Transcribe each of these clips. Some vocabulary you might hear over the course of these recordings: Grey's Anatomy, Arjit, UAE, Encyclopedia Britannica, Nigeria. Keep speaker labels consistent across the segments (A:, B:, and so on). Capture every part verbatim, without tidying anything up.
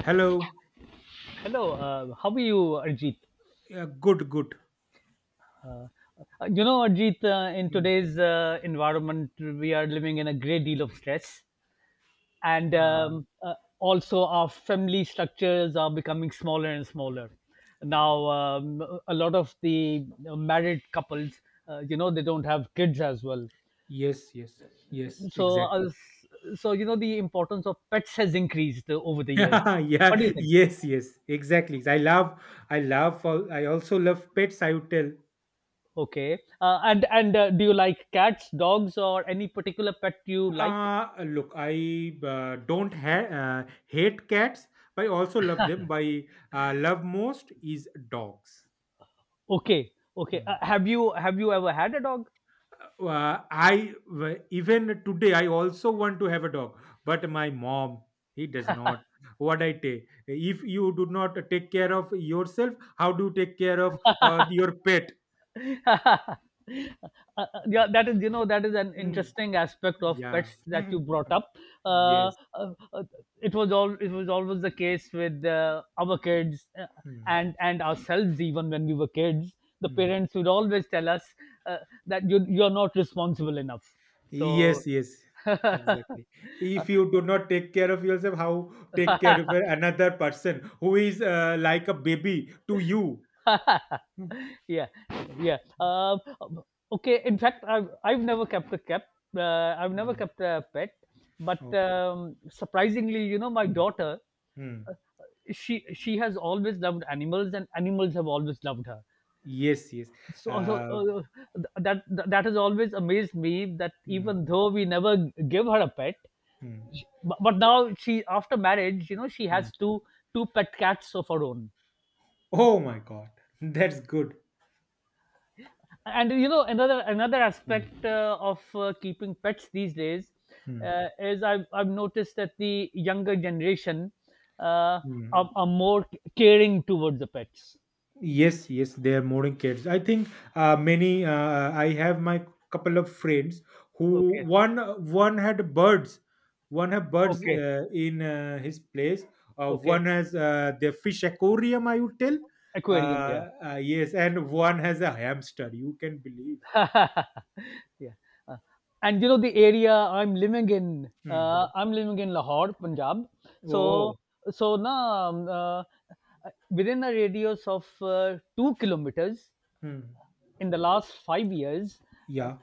A: Hello.
B: Hello, uh, how are you, Arjit?
A: Yeah, good, good.
B: Uh, you know, Arjit, uh, in
A: Mm.
B: today's uh, environment, we are living in a great deal of stress. And
A: Uh,
B: um, uh, also, our family structures are becoming smaller and smaller. Now, um, a lot of the uh, married couples, uh, you know, they don't have kids as well.
A: yes, yes, yes,
B: So, uh,
A: exactly.
B: so you know, the importance of pets has increased uh, over the years.
A: yeah,
B: What do you think?
A: yes, yes, exactly. I love, I love, al- I also love pets. I would tell.
B: Okay, uh, and and uh, do you like cats, dogs, or any particular pet you like?
A: Uh, look, I uh, don't ha- uh, hate cats, but I also love them. But I uh, love most is dogs.
B: Okay, okay. Uh,
A: Hmm.
B: have you have you ever had a dog?
A: Uh, I w- even today I also want to have a dog, but my mom he does not. What I take if you do not take care of yourself, how do you take care of uh, your pet?
B: Uh, uh, yeah, that is you know that is an
A: Mm,
B: interesting aspect of
A: yeah.
B: pets that you
A: Mm,
B: brought up. Uh,
A: yes.
B: uh, uh, it was all it was always the case with uh, our kids, uh,
A: Mm,
B: and and ourselves even when we were kids. The
A: mm.
B: parents would always tell us uh, that you you're not responsible enough. So.
A: Yes. Yes. Exactly. If you do not take care of yourself, how take care of another person who is uh, like a baby to you? Mm,
B: Yeah, yeah, um um, okay, in fact i've i've never kept a cat. uh, I've never
A: mm.
B: kept a pet, but
A: Okay.
B: um, surprisingly, you know, my
A: Mm,
B: daughter,
A: mm.
B: she she has always loved animals, and animals have always loved her.
A: Yes, yes.
B: so, so
A: Uh,
B: uh, that that has always amazed me that,
A: Mm,
B: even though we never give her a pet,
A: mm,
B: but, but now she, after marriage, you know, she
A: mm.
B: has two two pet cats of her own.
A: Oh my God, that's good.
B: And, you know, another another
A: Mm,
B: aspect uh, of uh, keeping pets these days
A: mm,
B: uh, is, I've, I've noticed that the younger generation uh,
A: mm.
B: are, are more caring towards the pets.
A: Yes, yes, they are modern kids. I think uh, many. Uh, I have my couple of friends who
B: Okay.
A: one one had birds, one have birds
B: Okay.
A: uh, in uh, his place. Uh,
B: Okay.
A: one has uh, the fish aquarium. I would tell.
B: Aquarium, yeah.
A: Uh, uh, yes, and one has a hamster. You can believe.
B: Yeah. Uh, and you know the area I'm living in,
A: hmm
B: uh,
A: hmm.
B: I'm living in Lahore, Punjab. so
A: Oh.
B: so now, um, uh, within a radius of uh, two kilometers,
A: Hmm.
B: in the last five years, uh,
A: Yeah.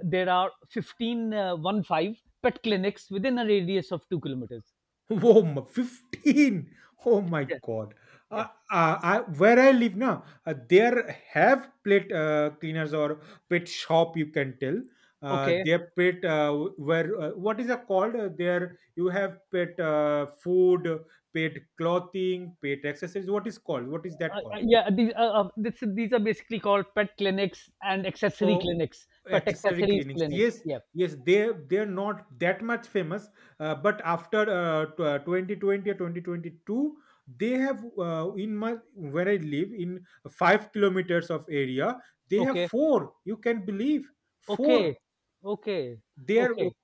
B: there are fifteen, uh, one five pet clinics within a radius of two kilometers.
A: Oh, my- fifteen. Oh my
B: Yeah,
A: God. Uh,
B: yeah.
A: uh, I, where I live now, uh, there have plate uh, cleaners or pet shop, you can tell. Uh,
B: Okay.
A: their pet, uh, where, uh, what is it called? Uh, there you have pet uh, food, pet clothing, pet accessories. What is called? What is that
B: Uh,
A: called?
B: uh, yeah, these, uh, uh, this, these are basically called pet clinics and accessory
A: Oh,
B: clinics, pet
A: accessory
B: accessories
A: clinics.
B: clinics.
A: Yes,
B: Yeah.
A: yes, they they're not that much famous, uh, but after uh, tw- uh, twenty twenty or twenty twenty-two, they have uh, in my where I live in five kilometers of area, they have
B: Okay.
A: four. You can believe
B: Okay.
A: four.
B: Okay.
A: There w-
B: Okay.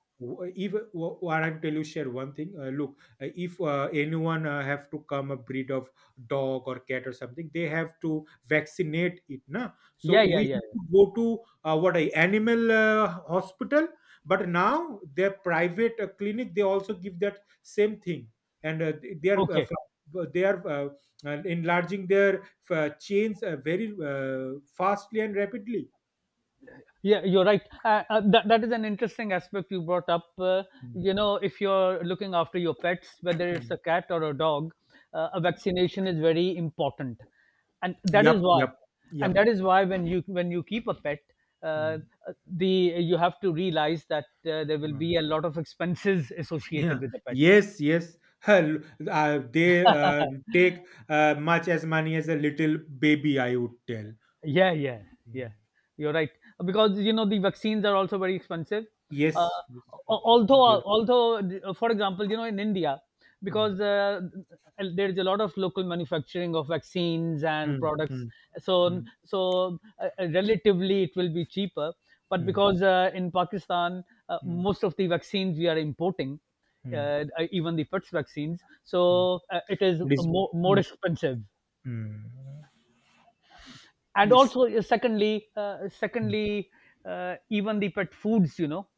A: if w- what I'm tell you share one thing, uh, look, uh, if uh, anyone uh, have to come a breed of dog or cat or something, they have to vaccinate it na. So
B: Yeah, yeah,
A: we
B: yeah,
A: have
B: yeah.
A: to go to uh, what a animal uh, hospital. But now their private uh, clinic, they also give that same thing. And uh, they are uh,
B: Okay.
A: fl- they are uh, uh, enlarging their uh, chains, uh, very uh, fastly and rapidly.
B: Yeah, you're right. Uh, uh, that that is an interesting aspect you brought up. Uh,
A: Hmm.
B: you know, if you're looking after your pets, whether it's a cat or a dog, uh, a vaccination is very important, and that is
A: yep
B: why,
A: yep
B: and
A: yep
B: that is why when you when you keep a pet, uh,
A: Hmm.
B: uh, the you have to realize that uh, there will
A: Mm.
B: be a lot of expenses
A: Yeah.
B: associated with the
A: Yes. Yes. Hell, uh, they uh,
B: pet.
A: take uh, much as money as a little baby. I would tell.
B: Yeah, yeah, yeah.
A: Mm.
B: You're right, because, you know, the vaccines are also very expensive. Uh,
A: Yes. yes, yes,
B: al-
A: mm,
B: although, although, uh, for example, you know, in India, because uh, there is a lot of local manufacturing of vaccines
A: yeah,
B: and
A: mm,
B: products,
A: mm,
B: so
A: mm,
B: so uh, uh, relatively it will be cheaper. But
A: mm,
B: because uh, in Pakistan, uh,
A: mm,
B: most of the vaccines we are importing,
A: mm, mm,
B: uh, even the PETS vaccines,
A: mm.
B: so uh, it is
A: It is.
B: more
A: Mm,
B: more expensive.
A: mm.
B: And
A: Yes.
B: also uh, secondly uh, secondly, uh, even the pet foods, you know,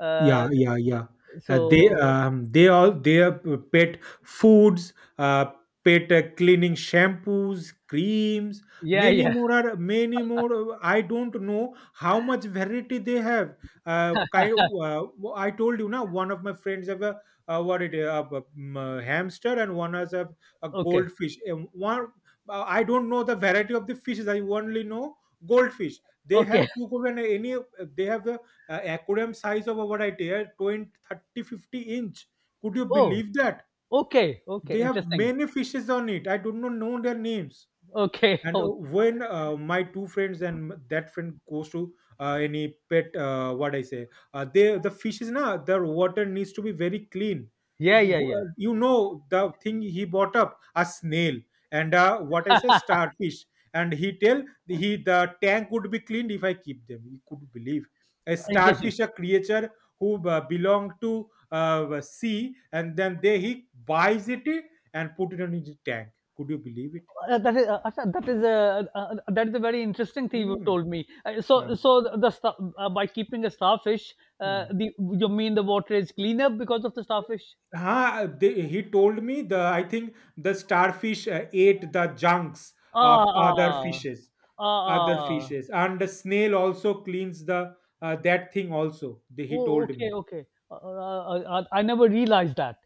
B: uh,
A: Yeah, yeah, yeah. Uh, they
B: so.
A: um, they all their pet foods, uh, pet uh, cleaning shampoos, creams,
B: Yeah,
A: many
B: yeah.
A: more are many more. uh, I don't know how much variety they have. Uh, kind uh, I told you now. One of my friends have a uh, what it uh, b- m- uh, hamster, and one has a, a
B: Okay,
A: goldfish. Um, One uh, I don't know the variety of the fishes. I only know goldfish. They
B: okay.
A: have two and any. They have a uh, aquarium size of over right here twenty thirty fifty inch. Could you
B: Oh,
A: believe that?
B: okay,
A: They
B: okay.
A: have
B: Interesting.
A: many fishes on it. I do not know their names.
B: Okay.
A: And uh,
B: Oh,
A: when uh, my two friends and m- that friend goes to uh, any pet, uh, what I say, uh, they the fish is now their water needs to be very clean.
B: yeah, yeah,
A: W-
B: yeah.
A: uh, you know, the thing, he bought up a snail. And uh, what I say, starfish. And he tell, he the tank would be cleaned if I keep them. You could believe. A
B: Interesting.
A: starfish, a creature who uh, belong to uh, sea. And then they he buys it and put it on his tank. Could you believe it?
B: Uh, that is, uh, Asha, that is a uh, uh, that is a very interesting thing you
A: Hmm.
B: told me. Uh, so
A: Huh.
B: so the, the sta- uh, by keeping a starfish, uh,
A: Hmm.
B: the you mean the water is cleaner because of the starfish?
A: Huh, they, he told me the I think the starfish uh, ate the junks
B: Ah,
A: of other
B: ah,
A: fishes,
B: ah,
A: other
B: ah.
A: fishes, and the snail also cleans the uh, that thing also. They, he
B: Oh,
A: told
B: okay,
A: me.
B: okay. Uh, uh, uh, uh, I never realized that.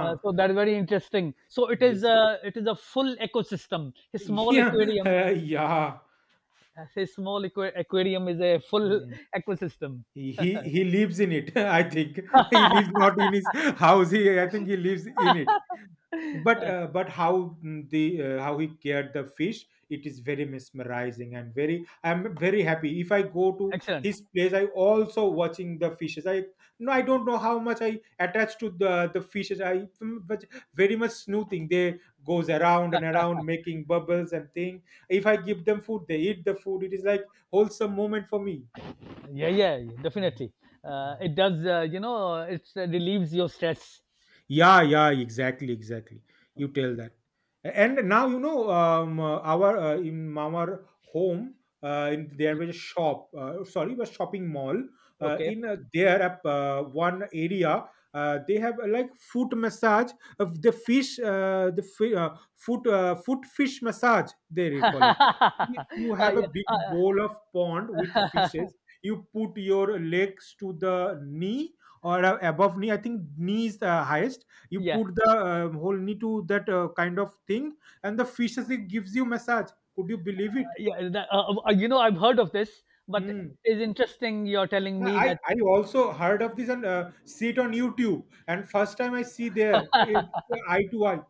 B: Uh, so that is very interesting. So it is
A: Yes.
B: a it is a full ecosystem. A small
A: Yeah.
B: aquarium,
A: Uh, yeah.
B: a small aqua- aquarium is a full
A: Hmm.
B: ecosystem.
A: He he he lives in it. I think he lives not in his house. He I think he lives in it. but
B: Uh,
A: uh, but how mm, the uh, how he cared the fish, it is very mesmerizing, and very I'm very happy. If I go to
B: Excellent.
A: his place, I also watching the fishes, I no, I don't know how much I attach to the the fishes, I mm, but very much snoozing. They goes around and around making bubbles and thing. If I give them food, they eat the food. It is like wholesome moment for me.
B: Yeah, yeah,
A: Mm,
B: definitely. Uh,
A: mm.
B: it does. Uh, you know, it uh, relieves your stress.
A: yeah yeah, exactly exactly You tell that. And now you know um, uh, our uh, in our home, uh, in, there was a shop uh, sorry, a shopping mall. Uh,
B: Okay.
A: in uh, there up, uh, one area, uh, they have uh, like foot massage of the fish. Uh, the fi- uh, foot uh, Foot fish massage they call it. Y- you
B: Uh,
A: have a
B: yeah,
A: big
B: uh,
A: bowl of pond with fishes. You put your legs to the knee, or uh, above knee. I think knee is the highest. You
B: yeah.
A: put the uh, whole knee to that uh, kind of thing. And the fishes, it gives you massage. Could you believe it?
B: Yeah, that, uh, uh, you know, I've heard of this, but
A: Hmm.
B: it's interesting you're telling
A: Yeah,
B: me
A: I,
B: that.
A: I also heard of this and uh, see it on YouTube. And first time I see there, it, eye to eye.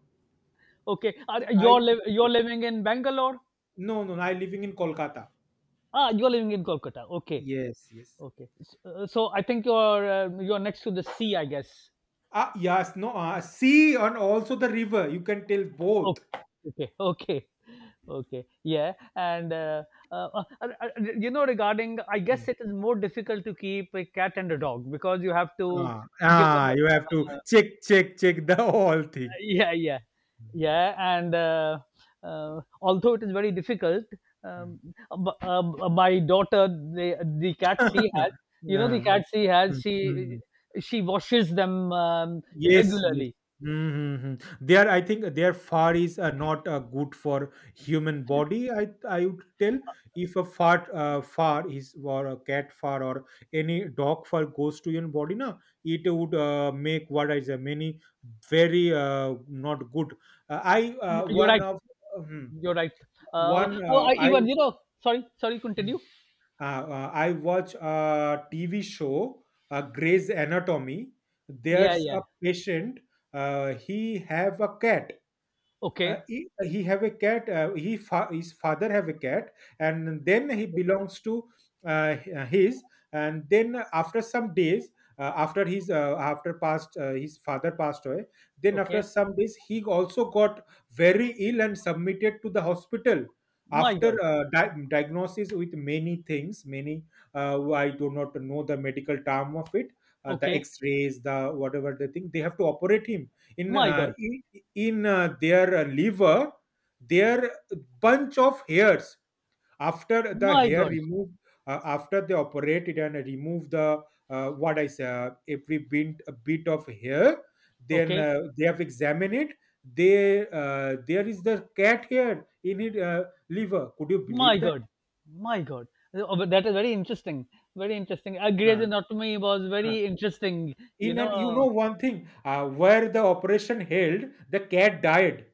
B: Okay, are,
A: I
B: you're liv you're living in Bangalore.
A: No, no. I living in Kolkata.
B: Ah, you're living in Kolkata. Okay,
A: Yes yes.
B: okay. So, uh, so I think you're uh, you're next to the sea, I guess.
A: Ah yes no. Uh, sea and also the river. You can tell
B: Okay,
A: both.
B: okay, okay, okay. Yeah, and uh, uh, uh, uh, uh, you know, regarding, I guess
A: Mm.
B: it is more difficult to keep a cat and a dog because you have to
A: Ah,
B: give them.
A: ah, you have to check check check the whole thing.
B: Yeah, yeah,
A: Mm,
B: yeah. And uh, uh, although it is very difficult,
A: mm.
B: um, b- uh, b- uh, my daughter, the, the cat she has, you know the
A: Yeah.
B: cat she has
A: Mm,
B: she
A: mm.
B: she washes them um,
A: Yes, yes.
B: regularly.
A: Mm-hmm. There, I think their far is uh, not uh, good for human body. I I would tell, if a fart uh, far is or a cat far or any dog far goes to your body, na, it would uh, make what is a many very uh, not good. Uh, I, uh,
B: You're
A: one
B: right,
A: of. Mhm.
B: you're right. Uh,
A: One,
B: oh,
A: uh,
B: I
A: I.
B: even, you know. Sorry, sorry,
A: Hmm.
B: continue.
A: Uh, uh, I watch a T V show, uh, Grey's Anatomy.
B: Yeah,
A: There's
B: yeah.
A: a patient. Uh, he have a cat uh,
B: Okay,
A: he, he have a cat uh, he fa- His father have a cat, and then he belongs to uh, his and then after some days, uh, after his uh, after passed uh, his father passed away. Then after
B: okay.
A: some days, he also got very ill and submitted to the hospital.
B: My
A: After
B: God.
A: uh, di- diagnosis with many things, many, uh, I do not know the medical term of it, uh, the
B: Okay.
A: x-rays, the whatever the thing, they have to operate him in
B: My
A: uh,
B: God,
A: in, in uh, their uh, liver. Their bunch of hairs. After the
B: my
A: hair
B: God.
A: removed, uh, after they operated and remove the, uh, what I say uh, every bit, a bit of hair. Then
B: Okay.
A: uh, they have examined it. They uh, There is the cat hair in it uh, liver. Could you
B: My
A: believe that?
B: God, my God. Uh, that is very interesting. Very interesting. Uh,
A: uh,
B: Grey's Anatomy was
A: uh.
B: very interesting. You
A: In and you know
B: know.
A: one thing, uh, where the operation held, the cat died.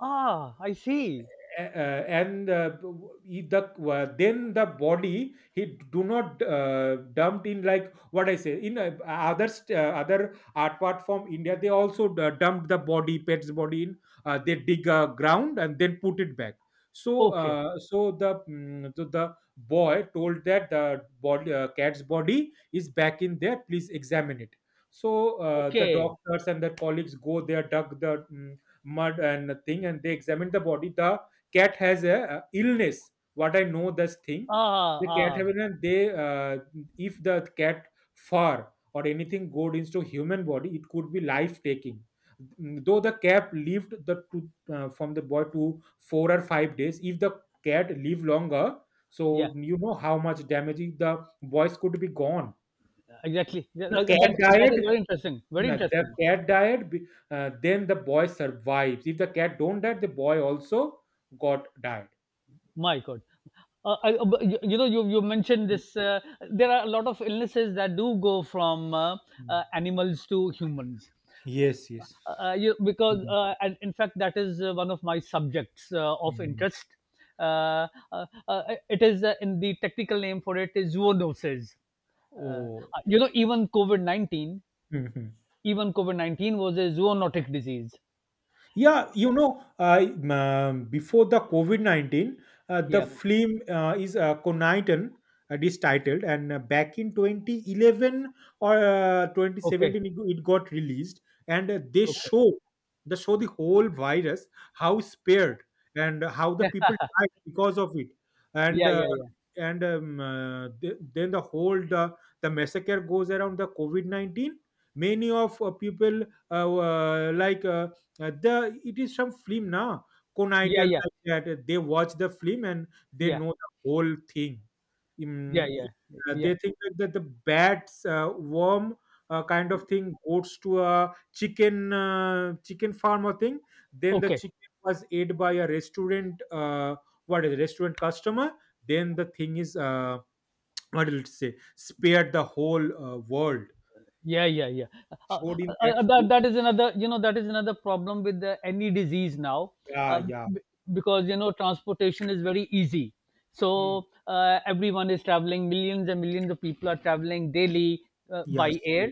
B: Ah, I see.
A: Uh, and uh, he- the uh, Then the body, he do not uh, dumped in, like what I say, in uh, other st- uh, other art part from India, they also d- dumped the body, pet's body in, uh, they dig a ground and then put it back. So
B: Okay,
A: uh, so the mm, so the boy told that the body uh, cat's body is back in there, please examine it. So uh, the
B: okay.
A: doctors and their colleagues go there, dug the mm, mud and thing, and they examined the body. The cat has a uh, illness, what I know this thing.
B: Ah,
A: The cat
B: ah.
A: have an they uh, if the cat fur or anything goes into human body, it could be life taking. Though the cat lived the to, uh, from the boy to four or five days, if the cat live longer,
B: Yeah,
A: so you know how much damage the boys could be gone.
B: exactly. Yeah,
A: The
B: uh,
A: cat
B: That that is
A: died.
B: very interesting. Very
A: Yeah, the
B: interesting.
A: cat died, be- uh, then the boy survives. If the cat don't die, the boy also got died.
B: My God. Uh, I, uh, but you, you know, you you mentioned this. Uh, there are a lot of illnesses that do go from uh,
A: Mm.
B: uh, animals to humans.
A: Yes, yes.
B: uh, uh, you, because
A: Mhm.
B: uh, and in fact that is uh, one of my subjects uh, of
A: Mhm.
B: interest. Uh, uh, uh, it is uh, in the technical name for it is zoonoses. uh, uh,
A: Oh,
B: you know, even covid-19 even covid nineteen was a zoonotic disease.
A: Yeah, you know, I um, before the COVID nineteen, uh, the
B: Yeah,
A: film uh, is uh, Coniton, it is titled, and uh, back in twenty eleven or uh,
B: okay,
A: twenty seventeen, it, it got released, and uh, they
B: okay.
A: show they show the whole virus, how spared, and how the people died because of it, and
B: Yeah,
A: uh,
B: yeah, yeah,
A: and um, uh, th- then the whole the, the massacre goes around the COVID nineteen. Many of uh, people uh, uh, like. Uh, uh, the It is some film na Knight
B: yeah, yeah, yeah,
A: like that. They watch the film and they
B: yeah,
A: know the whole thing.
B: yeah,
A: Mm,
B: yeah,
A: uh,
B: yeah.
A: they think like that the bats, uh, worm, uh, kind of thing goes to a chicken uh, chicken farm or thing. Then the
B: Okay,
A: chicken was ate by a restaurant. Uh, what is it, restaurant customer? Then the thing is, uh, what did it say? Spared the whole uh, world.
B: yeah, yeah, yeah. uh, uh,
A: Showed in that.
B: uh, that,
A: film.
B: that is another you know that is another problem with the, any disease now. uh,
A: Yeah, yeah.
B: b- because, you know, transportation is very easy,
A: Hmm.
B: so uh, everyone is traveling, millions and millions of people are traveling daily uh, by
A: Yes.
B: air,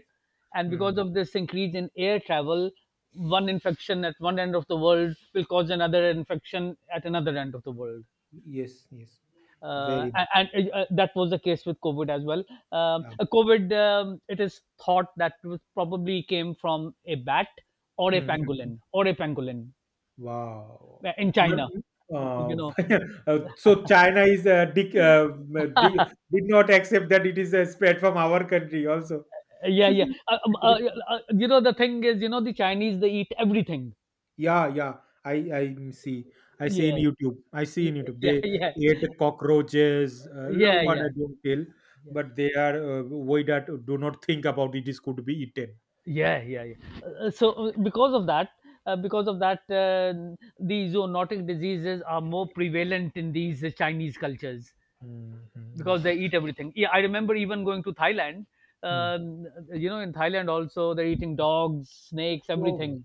B: and because
A: Hmm.
B: of this increase in air travel, one infection at one end of the world will cause another infection at another end of the world.
A: Yes, yes,
B: uh,
A: very much.
B: a- and uh, uh, that was the case with COVID as well. Um,
A: Yeah.
B: Uh, COVID, um, it is thought that was probably came from a bat or a
A: Mhm.
B: pangolin or a pangolin
A: Wow.
B: uh, in China.
A: Mm, Uh,
B: You know.
A: uh, so China is uh, dic- uh, di- did not accept that it is uh, spread from our country also.
B: Yeah, yeah. Uh, um, uh, uh, uh, you know, the thing is, you know, the Chinese, they eat everything.
A: Yeah, yeah. I I see. I see in
B: Yeah,
A: YouTube. I see
B: yeah.
A: in YouTube. They
B: Yeah, yeah,
A: ate cockroaches. Uh, la-
B: yeah,
A: what I
B: yeah,
A: don't tell, but they are uh, why that do not think about it is could be eaten.
B: yeah, yeah, yeah, yeah. Uh, so, uh, because of that, uh, because of that, uh, the zoonotic diseases are more prevalent in these uh, Chinese cultures,
A: Mhm. Yes.
B: because they eat everything. Yeah, I remember even going to Thailand.
A: Hmm.
B: Um, you know, in Thailand also they're eating dogs, snakes,
A: Oh.
B: everything.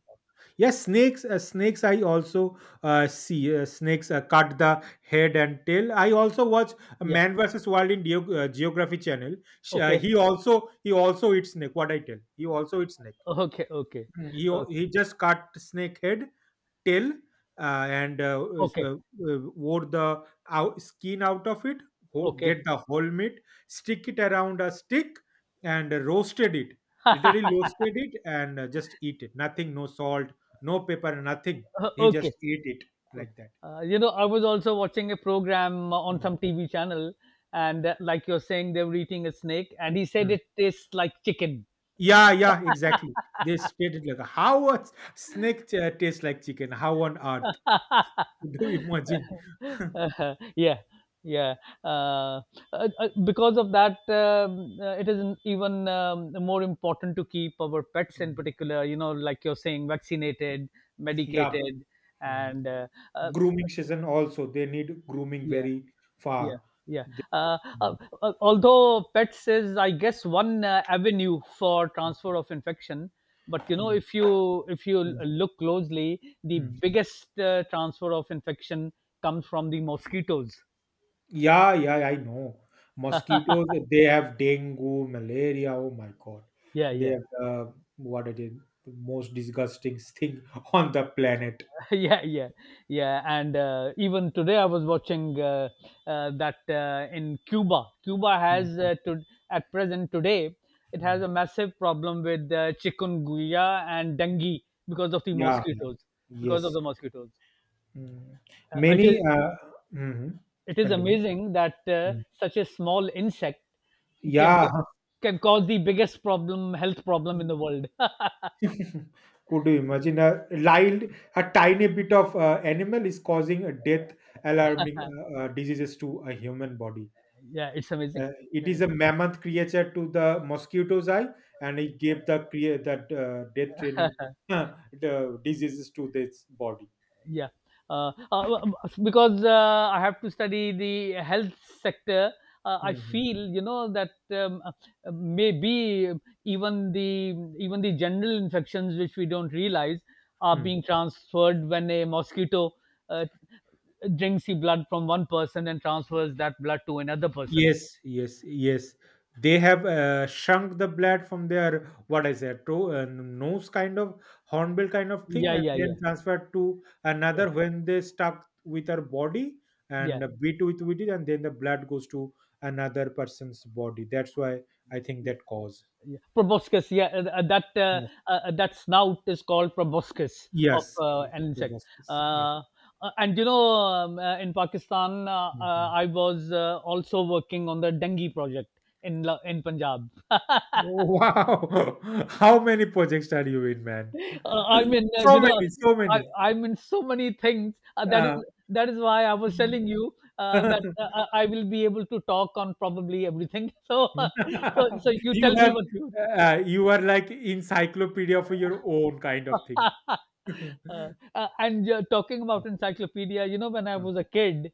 A: Yes, snakes. Uh, snakes. I also uh, see uh, snakes uh, cut the head and tail. I also watch
B: Yeah.
A: Man versus Wild in Geo- uh, Geography Channel. Sh- uh,
B: Okay.
A: he also he also eats snake. What I tell, he also eats snake.
B: Okay. Okay.
A: Hmm, He o-
B: Okay.
A: he just cut snake head tail, uh, and uh, s-
B: Okay.
A: uh, uh, wore the out, skin out of it, ho-
B: Okay.
A: get the whole meat, stick it around a stick, and uh, roasted it. Literally roasted it and uh, just eat it. Nothing, no salt, no pepper, nothing.
B: Uh,
A: He just
B: okay.
A: ate it
B: Okay.
A: like that.
B: Uh, you know, I was also watching a program on
A: Mm,
B: some T V channel, and uh, like you're saying, they were eating a snake, and he said
A: mm.
B: it tastes like chicken.
A: Yeah, yeah, exactly. They spread it like a- how a s- snake uh, tastes like chicken. How on earth? Do you imagine?
B: Yeah, yeah. uh, uh, uh, because of that, um, uh, it is an- even, um, more important to keep our pets in
A: Mm,
B: particular, you know, like you're saying, vaccinated,
A: yeah.
B: medicated,
A: Mm.
B: and uh, uh,
A: Grooming season also they need grooming
B: yeah,
A: very
B: yeah,
A: far.
B: yeah.
A: They-.
B: Uh, uh,
A: Mm,
B: uh, Although pets is, I guess, one uh, avenue for transfer of infection. But, you know, if you if you l-
A: mm,
B: look closely, the
A: mm.
B: biggest uh, transfer of infection comes from the mosquitoes.
A: Yeah, yeah, I know. Mosquitoes. They have dengue malaria, oh my God.
B: Yeah,
A: They
B: yeah.
A: have uh, what it is, the most disgusting thing on the planet.
B: Yeah, yeah, yeah. And uh, even today I was watching uh, uh, that uh, in Cuba, cuba
A: Mm,
B: has
A: mm,
B: uh, to at present today, it has
A: mm.
B: a massive problem with uh, chikungunya and dengue, because of the
A: Yeah, yeah.
B: mosquitoes, because of
A: Yes.
B: the mosquitoes.
A: Mm.
B: uh, it
A: Many
B: is
A: uh, mhm.
B: it is
A: Continue.
B: amazing that uh,
A: Mm.
B: such a small insect can
A: Yeah,
B: co-
A: huh.
B: can cause the biggest problem health problem in the world.
A: Could you imagine a lild, a tiny bit of uh, animal is causing a death, alarming uh, uh, diseases to a human body?
B: Yeah, it's amazing.
A: Uh, it
B: Yeah.
A: is a mammoth creature to the mosquito's eye, and it gave the crea- that uh, death training the diseases to this body.
B: Yeah. uh, uh, because uh, I have to study the health sector, uh, I
A: Mhm.
B: feel, you know, that um, uh, maybe even the even the general infections which we don't realize are
A: Hmm.
B: being transferred when a mosquito uh, drinks the blood from one person and transfers that blood to another person.
A: Yes, yes, yes. They have uh, shrunk the blood from their what I said, to uh, nose kind of hornbill kind of thing,
B: Yeah,
A: and
B: yeah,
A: then
B: yeah,
A: transferred to
B: yeah,
A: another when they stuck with our body
B: yeah,
A: and beat with with it, and then the blood goes to another person's body. That's why I think
B: yeah.
A: that cause.
B: Yeah, proboscis. Yeah, uh, uh, that uh,
A: Yes,
B: uh, that snout is called proboscis of
A: yes,
B: uh,
A: yes,
B: an insect.
A: proboscis. Yes.
B: Uh, uh, and you know, um, uh, in Pakistan, uh, uh,
A: Mhm.
B: I was uh, also working on the dengue project in La- in Punjab.
A: Wow, how many projects are you in, man?
B: Uh, I mean, uh,
A: So
B: you know,
A: many, so
B: I,
A: many.
B: I'm in so many things. Uh, that is
A: Uh,
B: that is why I was telling you uh, that uh, I I will be able to talk on probably everything. So, uh, so, so you
A: you
B: tell me
A: have
B: what you.
A: uh, you are like encyclopedia for your own kind of thing.
B: uh, uh, and you're talking about encyclopedia, you know, when I was a kid,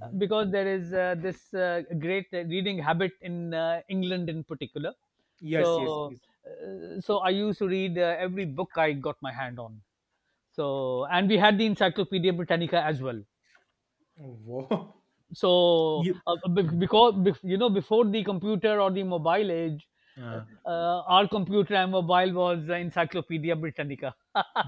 B: uh, because there is uh, this uh, great reading habit in uh, England in particular.
A: Yes, yes,
B: So,
A: yes.
B: uh, so I used to read uh, every book I got my hand on. So, and we had the Encyclopedia Britannica as well.
A: Oh, wow.
B: So,
A: You,
B: uh, be-
A: mm,
B: because, bef- you know, before the computer or the mobile age, uh,
A: uh,
B: uh, our computer and mobile was the Encyclopedia Britannica.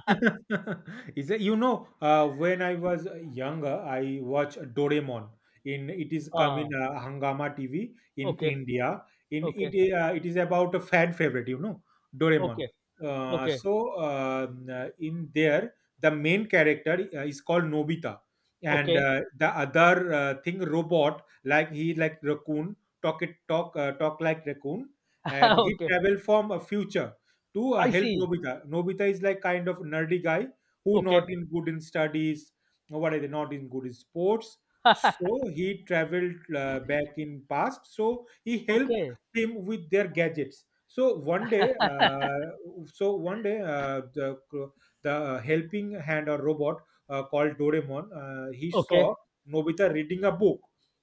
A: is that, you know uh, when I was younger, I watched Doraemon. In it is come in
B: Ah,
A: uh, Hangama TV in
B: okay,
A: India. In
B: okay.
A: it uh, it is about a fan favorite, you know Doraemon.
B: Okay,
A: uh,
B: okay,
A: so um, uh, in there the main character uh, is called Nobita, and
B: okay,
A: uh, the other uh, thing robot, like he like raccoon talk, it talk uh, talk like raccoon, and he
B: okay.
A: travel from a future to uh,
B: I
A: help
B: see.
A: Nobita. Nobita is like kind of nerdy guy who
B: Okay.
A: not in good in studies. What are they not in good in sports? So he traveled uh, back in past. So he helped
B: Okay,
A: him with their gadgets. So one day, uh, so one day, uh, the the helping hand or robot uh, called Doraemon, uh, he
B: okay,
A: saw Nobita reading a book.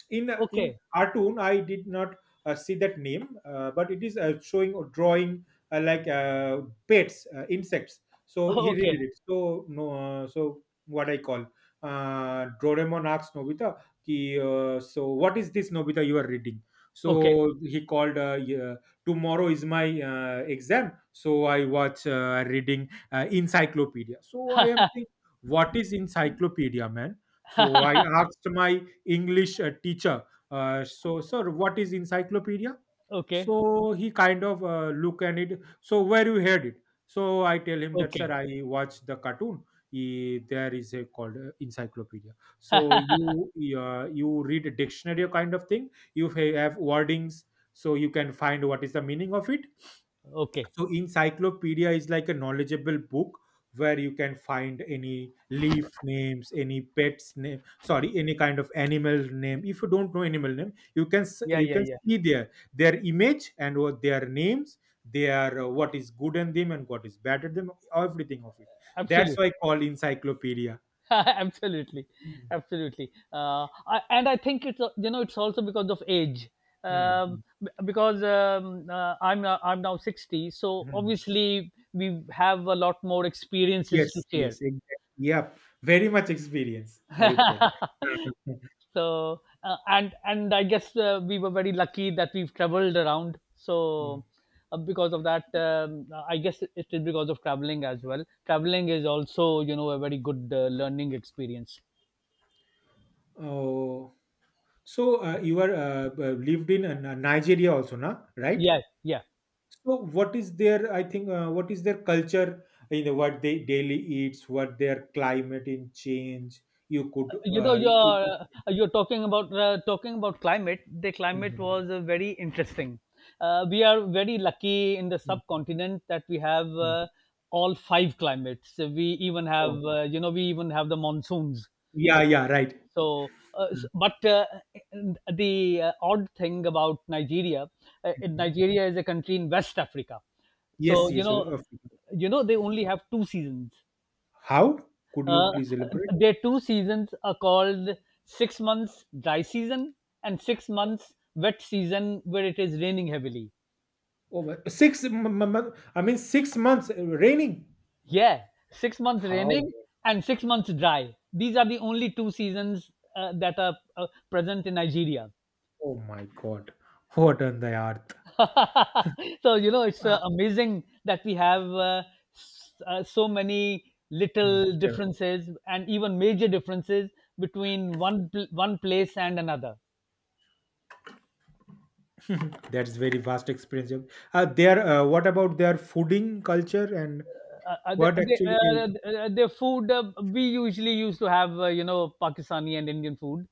A: In in
B: okay,
A: cartoon, I did not uh, see that name, uh, but it is uh, showing a drawing uh, like uh, pets, uh, insects. So he
B: okay,
A: redid it. So no, uh, So what I call uh, Doraemon asks Nobita, ki, uh, so what is this, Nobita, you are reading?
B: okay,
A: So he called. Uh, yeah, tomorrow is my uh, exam, so I watch uh, reading uh, encyclopedia. So I am thinking, what is encyclopedia, man? So I asked my English uh, teacher, uh, so sir, what is encyclopedia?
B: okay,
A: So he kind of uh, look at it. So where you heard it? So I tell him that sir,
B: okay,
A: I watch the cartoon. He, there is a called uh, encyclopedia. So you uh, you read a dictionary kind of thing. You ha- have wordings, so you can find what is the meaning of it.
B: okay.
A: So encyclopedia is like a knowledgeable book where you can find any leaf names, any pets name, sorry, any kind of animal name. If you don't know animal name, you can s-
B: Yeah,
A: you
B: yeah,
A: can see
B: yeah.
A: their their image and what their names, their uh, what is good in them and what is bad at them, everything of it. That's why I
B: Absolutely.
A: call encyclopedia.
B: Absolutely.
A: Mhm.
B: Absolutely. Uh, I, and I think it's, uh, you know, it's also because of age.
A: Hmm.
B: Um, b- because um, uh, I'm, uh, I'm now sixty, so
A: Hmm.
B: obviously we have a lot more experiences to
A: Yes, yes,
B: share.
A: exactly. Yep. Very much experience, I would tell.
B: so uh, and and I guess uh, we were very lucky that we've traveled around.
A: Hmm.
B: So uh, because of that um, I guess it is because of traveling as well. Traveling is also, you know, a very good uh, learning experience.
A: Oh, so uh, you are uh, b- lived in uh, Nigeria also, na? Right?
B: Yeah, yeah.
A: So what is their? I think uh, what is their culture? You know what they daily eats, what their climate in change. You could.
B: You know,
A: Uh, you,
B: you're
A: you could.
B: uh, you're talking about uh, talking about climate The climate
A: Mhm.
B: was uh, very interesting. Uh, we are very lucky in the
A: Mhm.
B: subcontinent that we have,
A: Mhm.
B: uh, all five climates. We even have,
A: Oh,
B: uh, you know, we even have the monsoons.
A: yeah, yeah, right.
B: So, uh, s- but uh, the uh, odd thing about Nigeria, uh,
A: Mhm.
B: Nigeria is a country in West Africa.
A: Yes,
B: So you
A: yes. uh,
B: know,
A: of-
B: you know they only have two seasons.
A: How could you
B: Uh,
A: please elaborate?
B: their two seasons are called six months dry season and six months wet season, where it is raining heavily.
A: Oh, but six. m- m- m- I mean, six months uh, raining.
B: Yeah, six months
A: How?
B: raining and six months dry. These are the only two seasons uh, that are uh, present in Nigeria.
A: Oh my God! What on the earth?
B: so you know it's
A: Ah,
B: uh, amazing that we have, uh, s- uh, so many
A: mm.
B: little differences and even major differences between one pl- one place and another.
A: Mhm. That's very vast experience. Yeah. Uh, their uh, What about their fooding culture and
B: uh, uh, the,
A: what
B: the, uh,
A: actually they do?
B: uh, the food uh, we usually used to have, uh, you know, Pakistani and Indian food.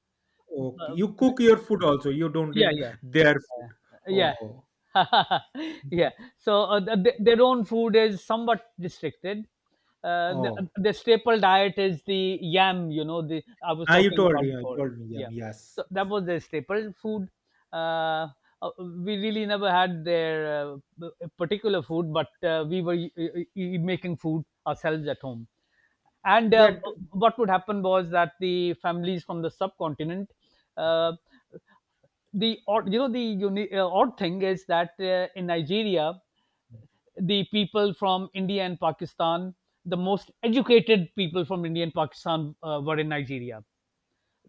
A: Okay?
B: Uh,
A: You cook your food also. You don't
B: yeah,
A: eat
B: yeah,
A: their food.
B: yeah,
A: Oh,
B: yeah, yeah. So uh, th- th- their own food is somewhat restricted. uh, the,
A: oh.
B: the staple diet is the yam, you know, the I was
A: Ah, you
B: talking
A: told
B: about
A: me. You
B: before.
A: told me. Yeah,
B: Yeah,
A: yes.
B: so that was their staple food. uh, uh, we really never had their uh, p- particular food, but uh, we were y- y- y- making food ourselves at home. And uh,
A: That
B: what would happen was that the families from the subcontinent, uh, the odd, you know, the uni- uh, odd thing is that uh, in Nigeria, the people from India and Pakistan, the most educated people from India and Pakistan uh, were in Nigeria.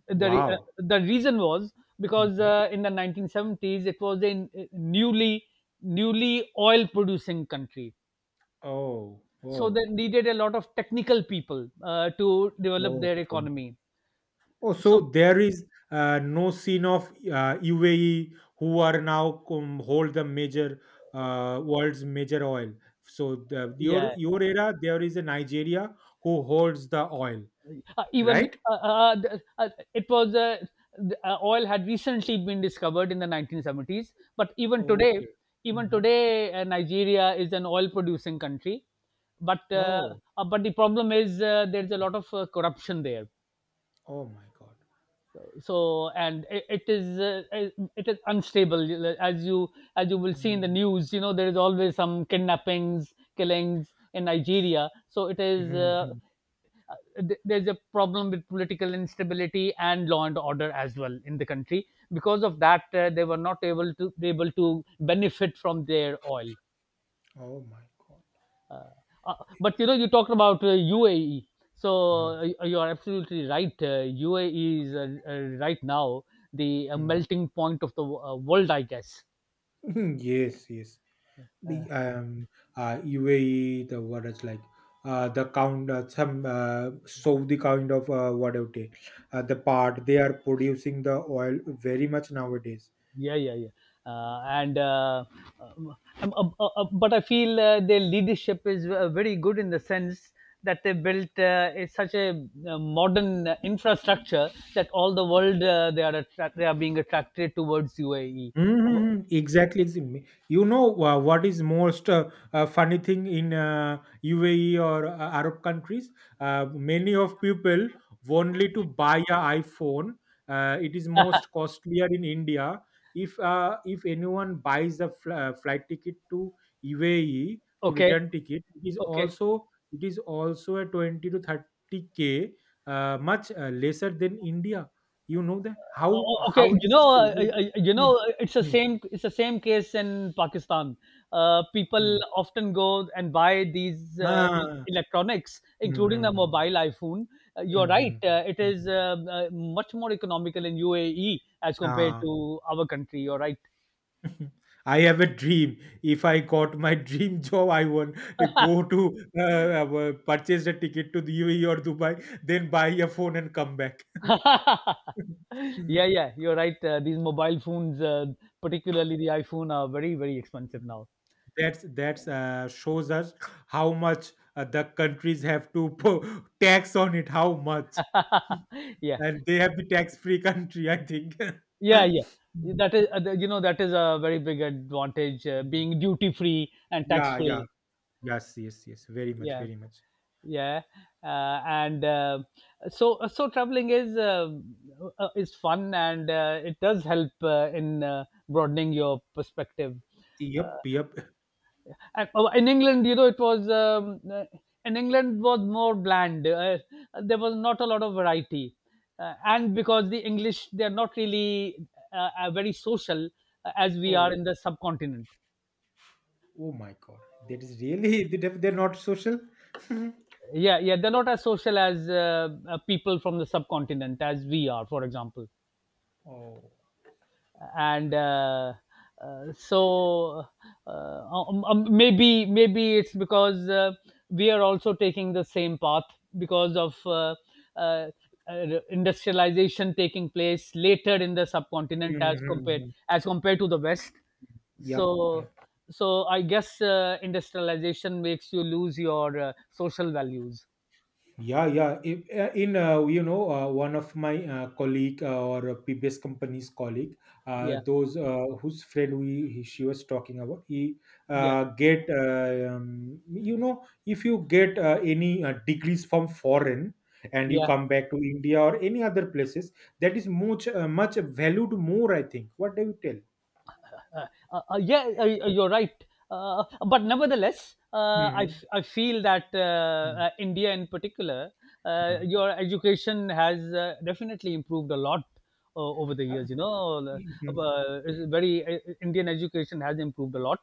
B: The re- uh,
A: Wow.
B: the reason was because
A: Mhm.
B: uh, in the nineteen seventies it was a n- uh, newly newly oil producing country,
A: Oh,
B: so they
A: oh.
B: needed a lot of technical people uh, to develop their
A: Okay.
B: economy.
A: Oh, so
B: So
A: there is uh, no scene of uh, U A E who are now um, hold the major uh, world's major oil. So the,
B: yeah.
A: your your era, there is a Nigeria who holds the oil,
B: Uh, even
A: right?
B: uh, uh, th- uh, it was uh, th- uh, Oil had recently been discovered in the nineteen seventies, but even today
A: Okay.
B: even
A: Mhm.
B: today uh, Nigeria is an oil producing country. But uh,
A: Oh,
B: uh, but the problem is, uh, there's a lot of uh, corruption there.
A: oh my God.
B: So and it, it is uh, it is unstable. As you as you will see in the
A: Mm,
B: news, you know, there is always some kidnappings, killings in Nigeria. So it is
A: mhm,
B: uh,
A: mhm.
B: uh, there's a problem with political instability and law and order as well in the country. Because of that, uh, they were not able to able to benefit from their oil.
A: Oh my God.
B: Uh, uh, but you know, you talked about uh, U A E,
A: Mhm,
B: so uh, you are absolutely right. Uh, U A E is uh, uh, right now the uh,
A: mhm.
B: melting point of the uh, world, I guess.
A: Yes, yes.
B: Uh,
A: the um, uh, U A E, the what is like uh, the count uh, some uh, Saudi kind of uh, what do you take, uh, the part they are producing the oil very much nowadays.
B: yeah, yeah, yeah. uh, and uh, um, um, um, uh, uh, but I feel uh, their leadership is uh, very good, in the sense that they built uh, a- such a uh, modern uh, infrastructure that all the world, uh, they are attract- they are being attracted towards U A E.
A: Mm-hmm. Exactly. ex- me- You know uh, what is most uh, uh, funny thing in uh, U A E or uh, Arab countries? Uh, many of people only to buy a iPhone. Uh, it is most costlier in India. If uh, if anyone buys a fl- uh, flight ticket to U A E to
B: okay,
A: return ticket, it is
B: okay.
A: also it is also a twenty to thirty k, uh, much uh, lesser than India. You know that
B: Uh,
A: how
B: okay
A: how it
B: you
A: is.
B: know, uh, uh, uh, you know, uh, it's the same, it's the same case in Pakistan. Uh, people
A: Mhm.
B: often go and buy these uh, el-
A: Ah.
B: electronics, including the
A: Mhm.
B: mobile iPhone. Uh, you're right.
A: Mhm.
B: Uh, it is
A: Hmm.
B: uh, uh, much more economical in U A E as compared
A: Ah.
B: to our country. You're right.
A: I have a dream. If I got my dream job, I want to go to uh, uh, purchase a ticket to the U A E or Dubai, then buy a phone and come back. Mm.
B: yeah, yeah, you're right. Uh, these mobile phones, uh, particularly the iPhone, are very, very expensive now.
A: that's that's uh, shows us how much uh, the countries have to po- tax on it. How much,
B: yeah.
A: and they have the tax-free country. I think.
B: Yeah, yeah. That is, uh, you know, that is a very big advantage, uh,
A: Mm.
B: being duty free and tax
A: Yeah. Yeah.
B: free.
A: Yes. Yes. Yes. Very much.
B: Yeah,
A: Very much.
B: yeah. Uh, and uh, So, uh, so traveling is uh, uh, uh, is fun, and uh, it does help uh, in uh, broadening your perspective. Uh,
A: Yep, yep.
B: and- oh, in England, you know, it was um, uh, in England was more bland. Uh, there was not a lot of variety, uh, and because the English, they are not really uh, uh, very social, uh, as we are in
A: Oh,
B: the subcontinent.
A: oh my God. That is really, they- they're not social.
B: Yeah, yeah, they're not as social as uh, uh, people from the subcontinent, as we are, for example.
A: Oh,
B: And uh, uh, so uh, um, um, maybe, maybe it's because uh, we are also taking the same path because of uh, uh, uh, industrialization taking place later in the subcontinent as
A: hmm.
B: compared,
A: Hmm.
B: as compared to the west.
A: Yep,
B: So
A: yep.
B: so I guess uh, industrialization makes you lose your uh, social values.
A: Yeah, yeah. If, uh, in uh, you know, uh, one of my uh, colleague uh, or a previous company's colleague, uh,
B: Yeah,
A: those uh, whose friend we he, she was talking about, he
B: yeah,
A: uh, get uh, um, you know, if you get uh, any uh, degrees from foreign and you
B: yeah.
A: come back to India or any other places, that is much uh, much valued more. I think. What do you tell?
B: Uh, uh, uh, yeah, uh, uh, you're right. Uh, but nevertheless, uh, I, f- I feel that uh, uh, India in particular, uh,
A: Hmm.
B: your education has uh, definitely improved a lot uh, over the years. You know, uh, uh, it's very uh, Indian education has improved a lot.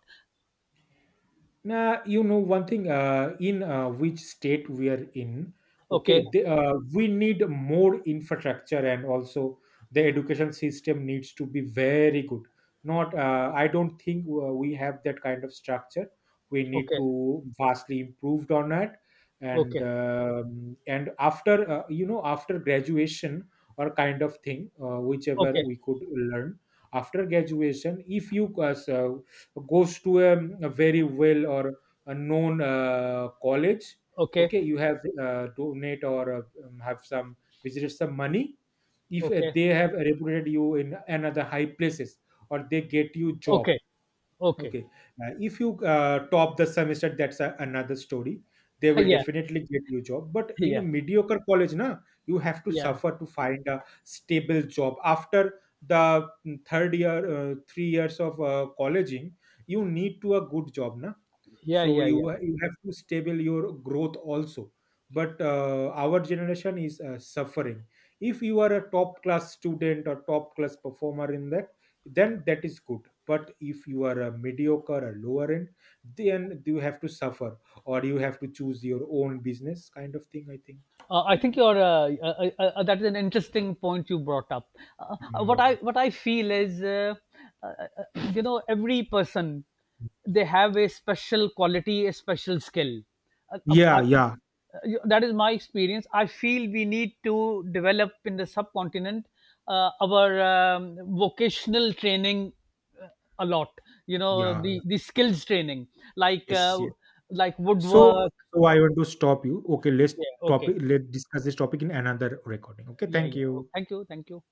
A: Nah, you know one thing. Uh, in uh, which state we are in,
B: Okay,
A: okay, the, uh, we need more infrastructure and also the education system needs to be very good. Not, uh, I don't think uh, we have that kind of structure. We need
B: okay,
A: to vastly improved on that, and
B: okay,
A: um, and after uh, you know after graduation or kind of thing, uh, whichever
B: okay,
A: we could learn after graduation, if you uh, so goes to a, a very well or a known uh, college,
B: okay,
A: okay, you have uh, donate or uh, um, have some visited some money, if uh,
B: okay,
A: they have reputed you in another high places or they get you job.
B: okay, okay.
A: Okay. Uh, if you uh, top the semester, that's a, another story. They will
B: yeah,
A: definitely get you job. But in a
B: yeah,
A: mediocre college, na, you have to
B: yeah,
A: suffer to find a stable job. After the mm, third year, uh, three years of uh, colleging, you need to a good job, na,
B: yeah,
A: so
B: yeah,
A: you
B: yeah.
A: you have to stable your growth also. But uh, our generation is uh, suffering. If you are a top class student or top class performer in that, then that is good. But if you are a mediocre or lower end, then you have to suffer, or you have to choose your own business kind of thing, I think.
B: Uh, I think you're uh, uh, uh, uh, uh, that is an interesting point you brought up. Uh, uh,
A: Yeah,
B: what I what I feel is, uh, uh, uh, you know, every person, they have a special quality, a special skill. Uh, um,
A: yeah,
B: I-
A: yeah.
B: uh, that is my experience. I feel we need to develop in the subcontinent uh, our um, vocational training uh, a lot. You know,
A: Yeah, yeah.
B: the the skills training, like
A: Yes,
B: uh,
A: yeah.
B: like
A: so
B: woodwork.
A: so I want to stop you. Okay, let's
B: Yeah. Okay.
A: topic let's discuss this topic in another recording. Okay,
B: Yeah.
A: thank
B: Yeah.
A: you.
B: Oh, thank you. Thank you.